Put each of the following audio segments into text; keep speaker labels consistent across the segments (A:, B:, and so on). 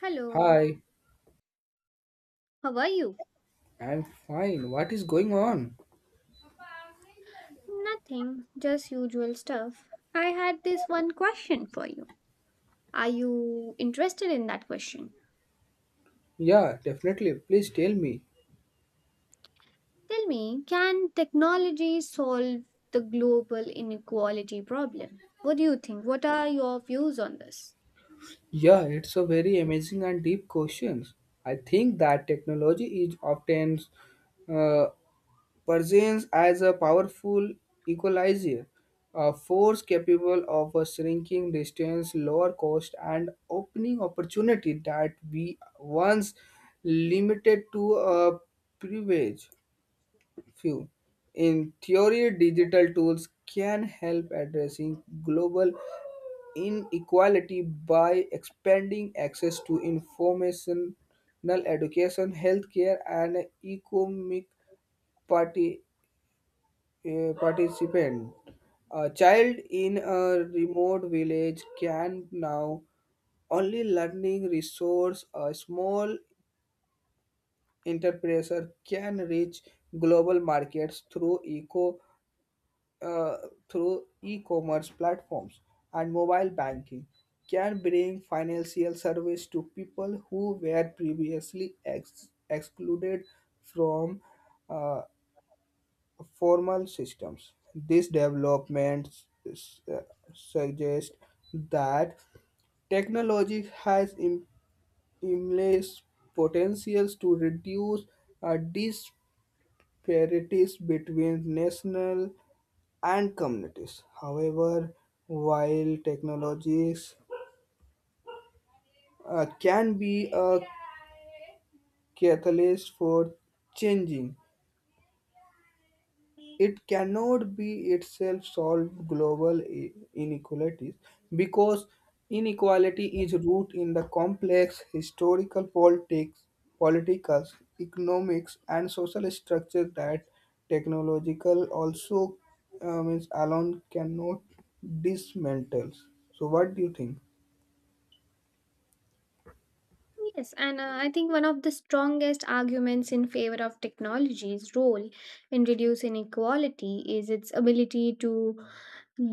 A: Hello,
B: Hi,
A: how are you?
B: I'm fine. What is going on?
A: Nothing, just usual stuff. I had this one question for you. Are you interested in that question?
B: Yeah, definitely. Please tell me.
A: Tell me, can technology solve the global inequality problem? What do you think? What are your views on this?
B: Yeah, it's a very amazing and deep questions. I think that technology is often uh, perceives as a powerful equalizer, a force capable of a shrinking distance, lower cost, and opening opportunity that we once limited to a privilege. Few. In theory, digital tools can help addressing global inequality by expanding access to informational education, healthcare, and economic party, participant. A child in a remote village can now only learning resource a small enterprise can reach global markets through eco uh, through e-commerce platforms and mobile banking can bring financial service to people who were previously excluded from uh, formal systems. These developments suggest that technology has immense potentials to reduce uh, disparities between national and communities. However, while technologies can be a catalyst for changing, it cannot be itself solve global inequalities because inequality is rooted in the complex historical politics, political, economics, and social structure that technological also means alone cannot dismantle. So, what do you think?
A: Yes, and I think one of the strongest arguments in favor of technology's role in reducing inequality is its ability to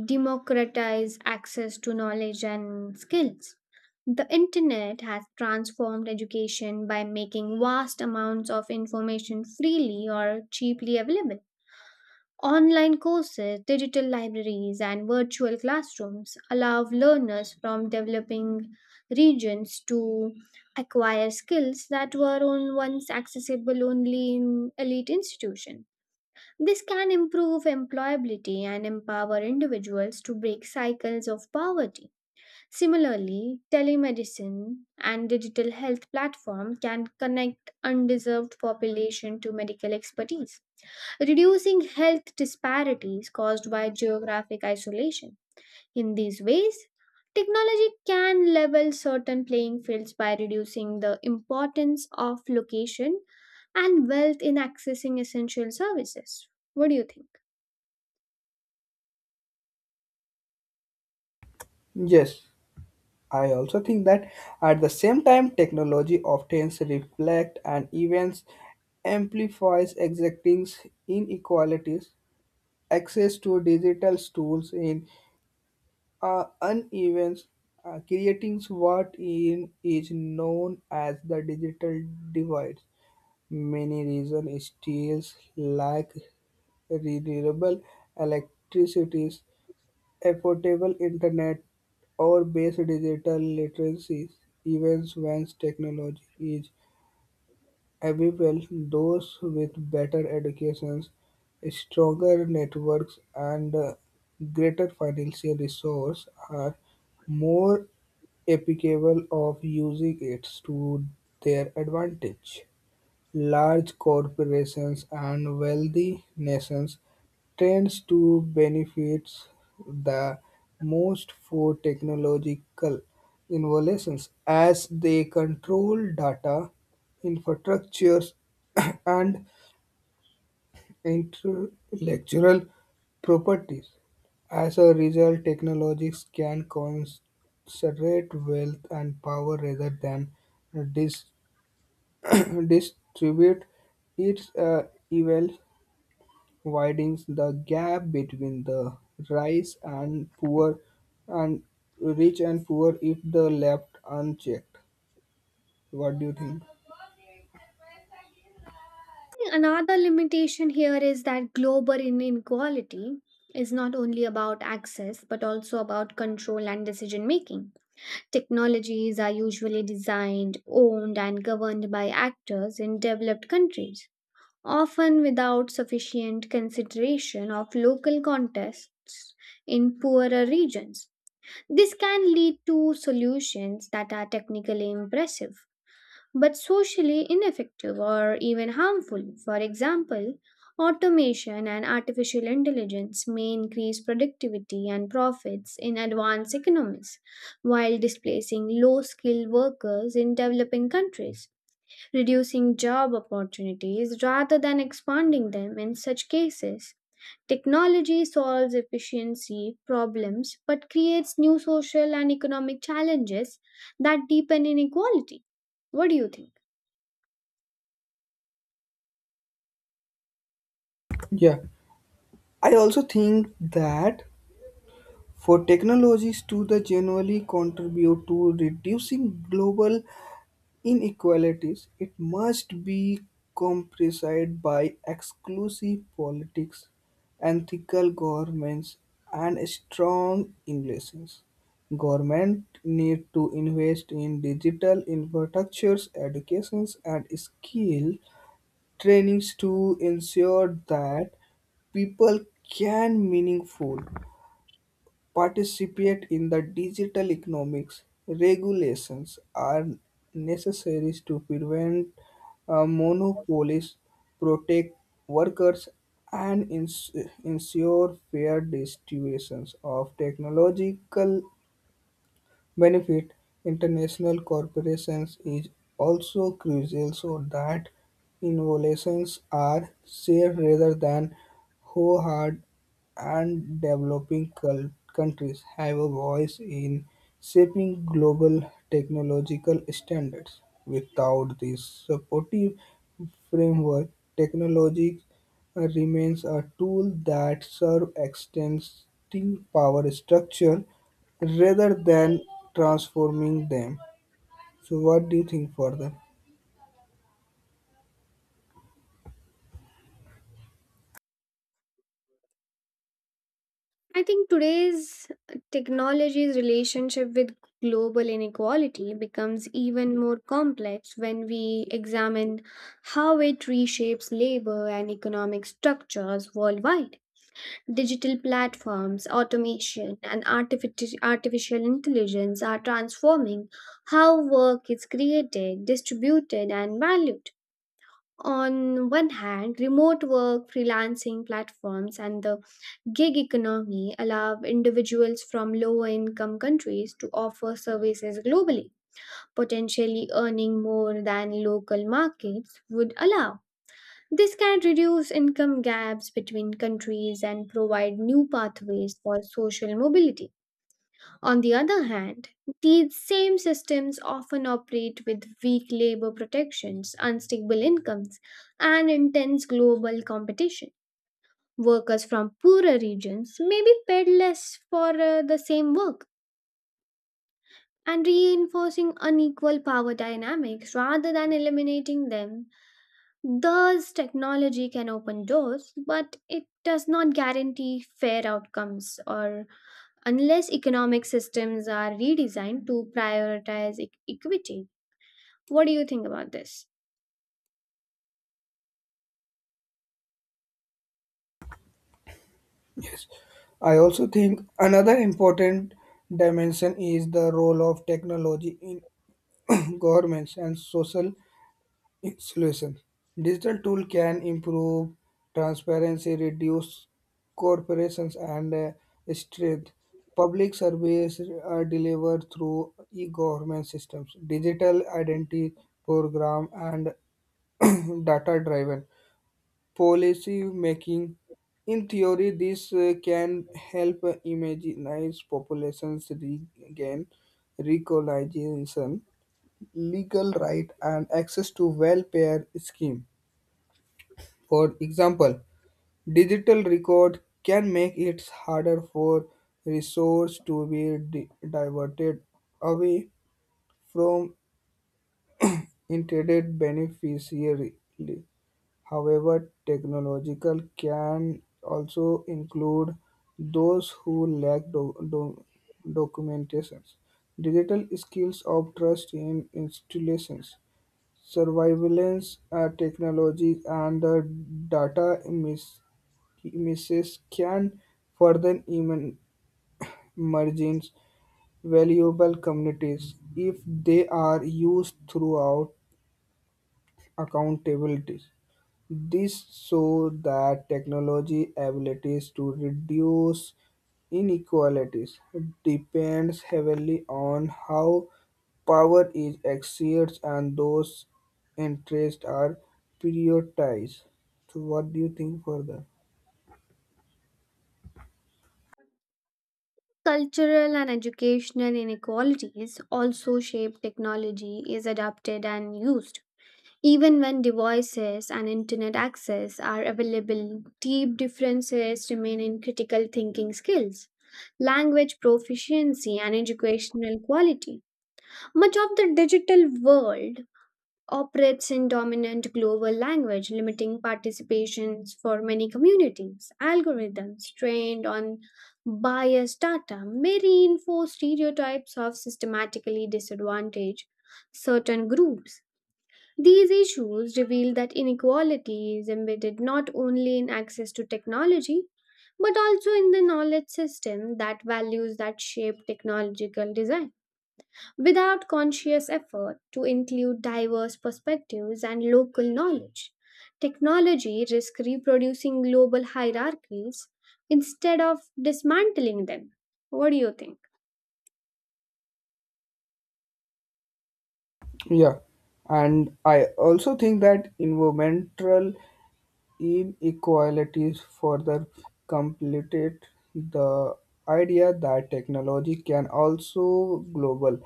A: democratize access to knowledge and skills. The internet has transformed education by making vast amounts of information freely or cheaply available. Online courses, digital libraries, and virtual classrooms allow learners from developing regions to acquire skills that were once accessible only in elite institutions. This can improve employability and empower individuals to break cycles of poverty. Similarly, telemedicine and digital health platform can connect undeserved population to medical expertise, reducing health disparities caused by geographic isolation. In these ways, technology can level certain playing fields by reducing the importance of location and wealth in accessing essential services. What do you think?
B: Yes, I also think that at the same time, technology often reflects and events amplifies existing inequalities. Access to digital tools in uneven creating what in is known as the digital divide. Many reasons still lack renewable electricity Affordable Internet or base digital literacy even when technology is available, those with better educations, stronger networks and greater financial resources are more capable of using it to their advantage. Large corporations and wealthy nations tends to benefit the most for technological innovations as they control data, infrastructures, and intellectual properties. As a result, technologies can concentrate wealth and power rather than distribute its evil, widening the gap between the rich and poor and rich and poor if the left unchecked. What do you think?
A: Another limitation here is that global inequality is not only about access but also about control and decision making. Technologies are usually designed, owned, and governed by actors in developed countries, often without sufficient consideration of local contexts in poorer regions. This can lead to solutions that are technically impressive but socially ineffective or even harmful. For example, automation and artificial intelligence may increase productivity and profits in advanced economies while displacing low skilled workers in developing countries, reducing job opportunities rather than expanding them in such cases. Technology solves efficiency problems but creates new social and economic challenges that deepen inequality. What do you think?
B: Yeah, I also think that for technologies to the generally contribute to reducing global inequalities, it must be compensated by exclusive politics, ethical governments, and strong innovations. Government need to invest in digital infrastructures, educations, and skill trainings to ensure that people can meaningful participate in the digital economics. Regulations are necessary to prevent monopolies, protect workers, and ensure fair distributions of technological benefit, international corporations is also crucial so that innovations are shared rather than hoard and developing countries have a voice in shaping global technological standards. Without this supportive framework, technology remains a tool that serves extending power structure rather than transforming them. So, what do you think for them?
A: I think today's technology's relationship with global inequality becomes even more complex when we examine how it reshapes labor and economic structures worldwide. Digital platforms, automation, and artificial intelligence are transforming how work is created, distributed, and valued. On one hand, remote work, freelancing platforms, and the Gig economy allow individuals from lower income countries to offer services globally, potentially earning more than local markets would allow. This can reduce income gaps between countries and provide new pathways for social mobility. On the other hand, these same systems often operate with weak labor protections, unstable incomes, and intense global competition. Workers from poorer regions may be paid less for the same work and reinforcing unequal power dynamics rather than eliminating them. Thus, technology can open doors, but it does not guarantee fair outcomes or unless economic systems are redesigned to prioritize equity. What do you think about this?
B: Yes, I also think another important dimension is the role of technology in governments and social solutions. Digital tool can improve transparency, reduce corporations, and strength. Public service are delivered through e-government systems, digital identity program, and data-driven policy making. In theory, this can help immunize populations regain recognition, legal right, and access to welfare scheme. For example, digital record can make it harder for resource to be diverted away from intended beneficiary. However, technological can also include those who lack documentation, digital skills of trust in installations, surveillance technology, and the data misses can further emerge valuable communities if they are used throughout accountabilities. This shows that technology abilities to reduce inequalities depends heavily on how power is exerted and those interests are prioritized. So what do you think further?
A: Cultural and educational inequalities also shape technology is adopted and used. Even when devices and internet access are available, deep differences remain in critical thinking skills, language proficiency, and educational quality. Much of the digital world operates in dominant global language, limiting participations for many communities. Algorithms trained on biased data may reinforce stereotypes of systematically disadvantaged certain groups. These issues reveal that inequality is embedded not only in access to technology, but also in the knowledge system that values that shape technological design. Without conscious effort to include diverse perspectives and local knowledge, technology risks reproducing global hierarchies instead of dismantling them. What do you think?
B: Yeah, and I also think that environmental inequalities further completed the idea that technology can also global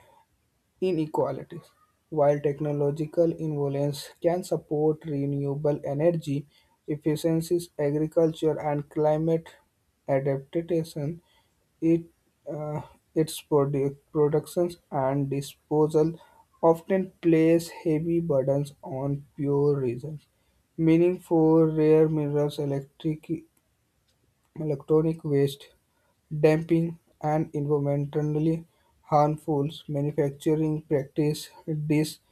B: inequalities. While technological involvements can support renewable energy efficiencies, agriculture, and climate adaptation, it, uh, its productions and disposal often place heavy burdens on pure reasons. Meaning for rare minerals, electric Electronic waste dumping and environmentally harmful manufacturing practices disproportionately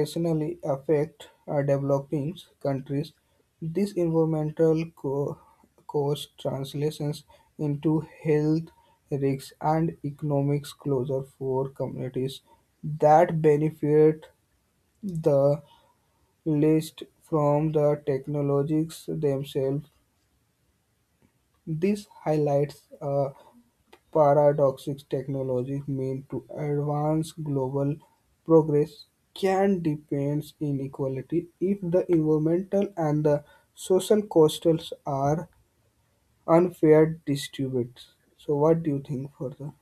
B: affect developing countries. This environmental costs translations into health risks and economic closure for communities that benefit the least from the technologies themselves. This highlights a paradox: technology meant to advance global progress can deepen inequality if the environmental and the social costs are unfair distributed. So, what do you think further?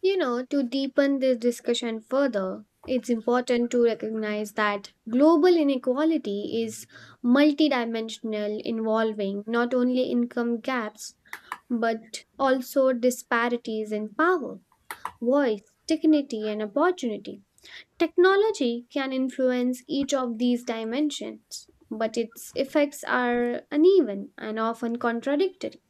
A: You know, to deepen this discussion further, it's important to recognize that global inequality is multidimensional, involving not only income gaps but also disparities in power, voice, dignity, and opportunity. Technology can influence each of these dimensions, but its effects are uneven and often contradictory.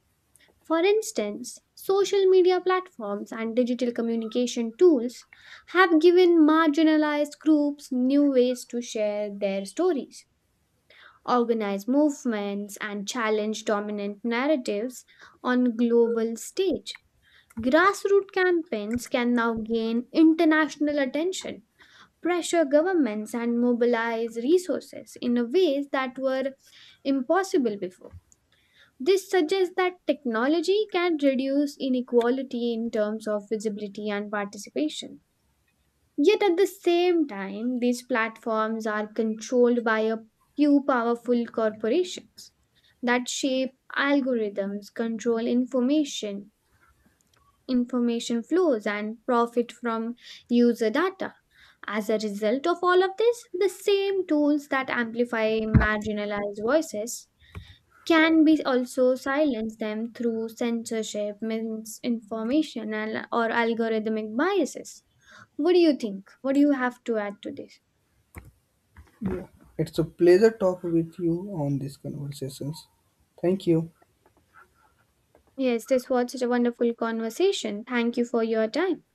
A: For instance, social media platforms and digital communication tools have given marginalized groups new ways to share their stories, organize movements, and challenge dominant narratives on global stage. Grassroots campaigns can now gain international attention, pressure governments and mobilize resources in a ways that were impossible before. This suggests that technology can reduce inequality in terms of visibility and participation. Yet at the same time, these platforms are controlled by a few powerful corporations that shape algorithms, control information, flows, and profit from user data. As a result of all of this, the same tools that amplify marginalized voices can be also silence them through censorship, misinformation, and or algorithmic biases. What do you think? What do you have to add to this?
B: Yeah, it's a pleasure talk with you on these conversations. Thank you.
A: Yes, this was such a wonderful conversation. Thank you for your time.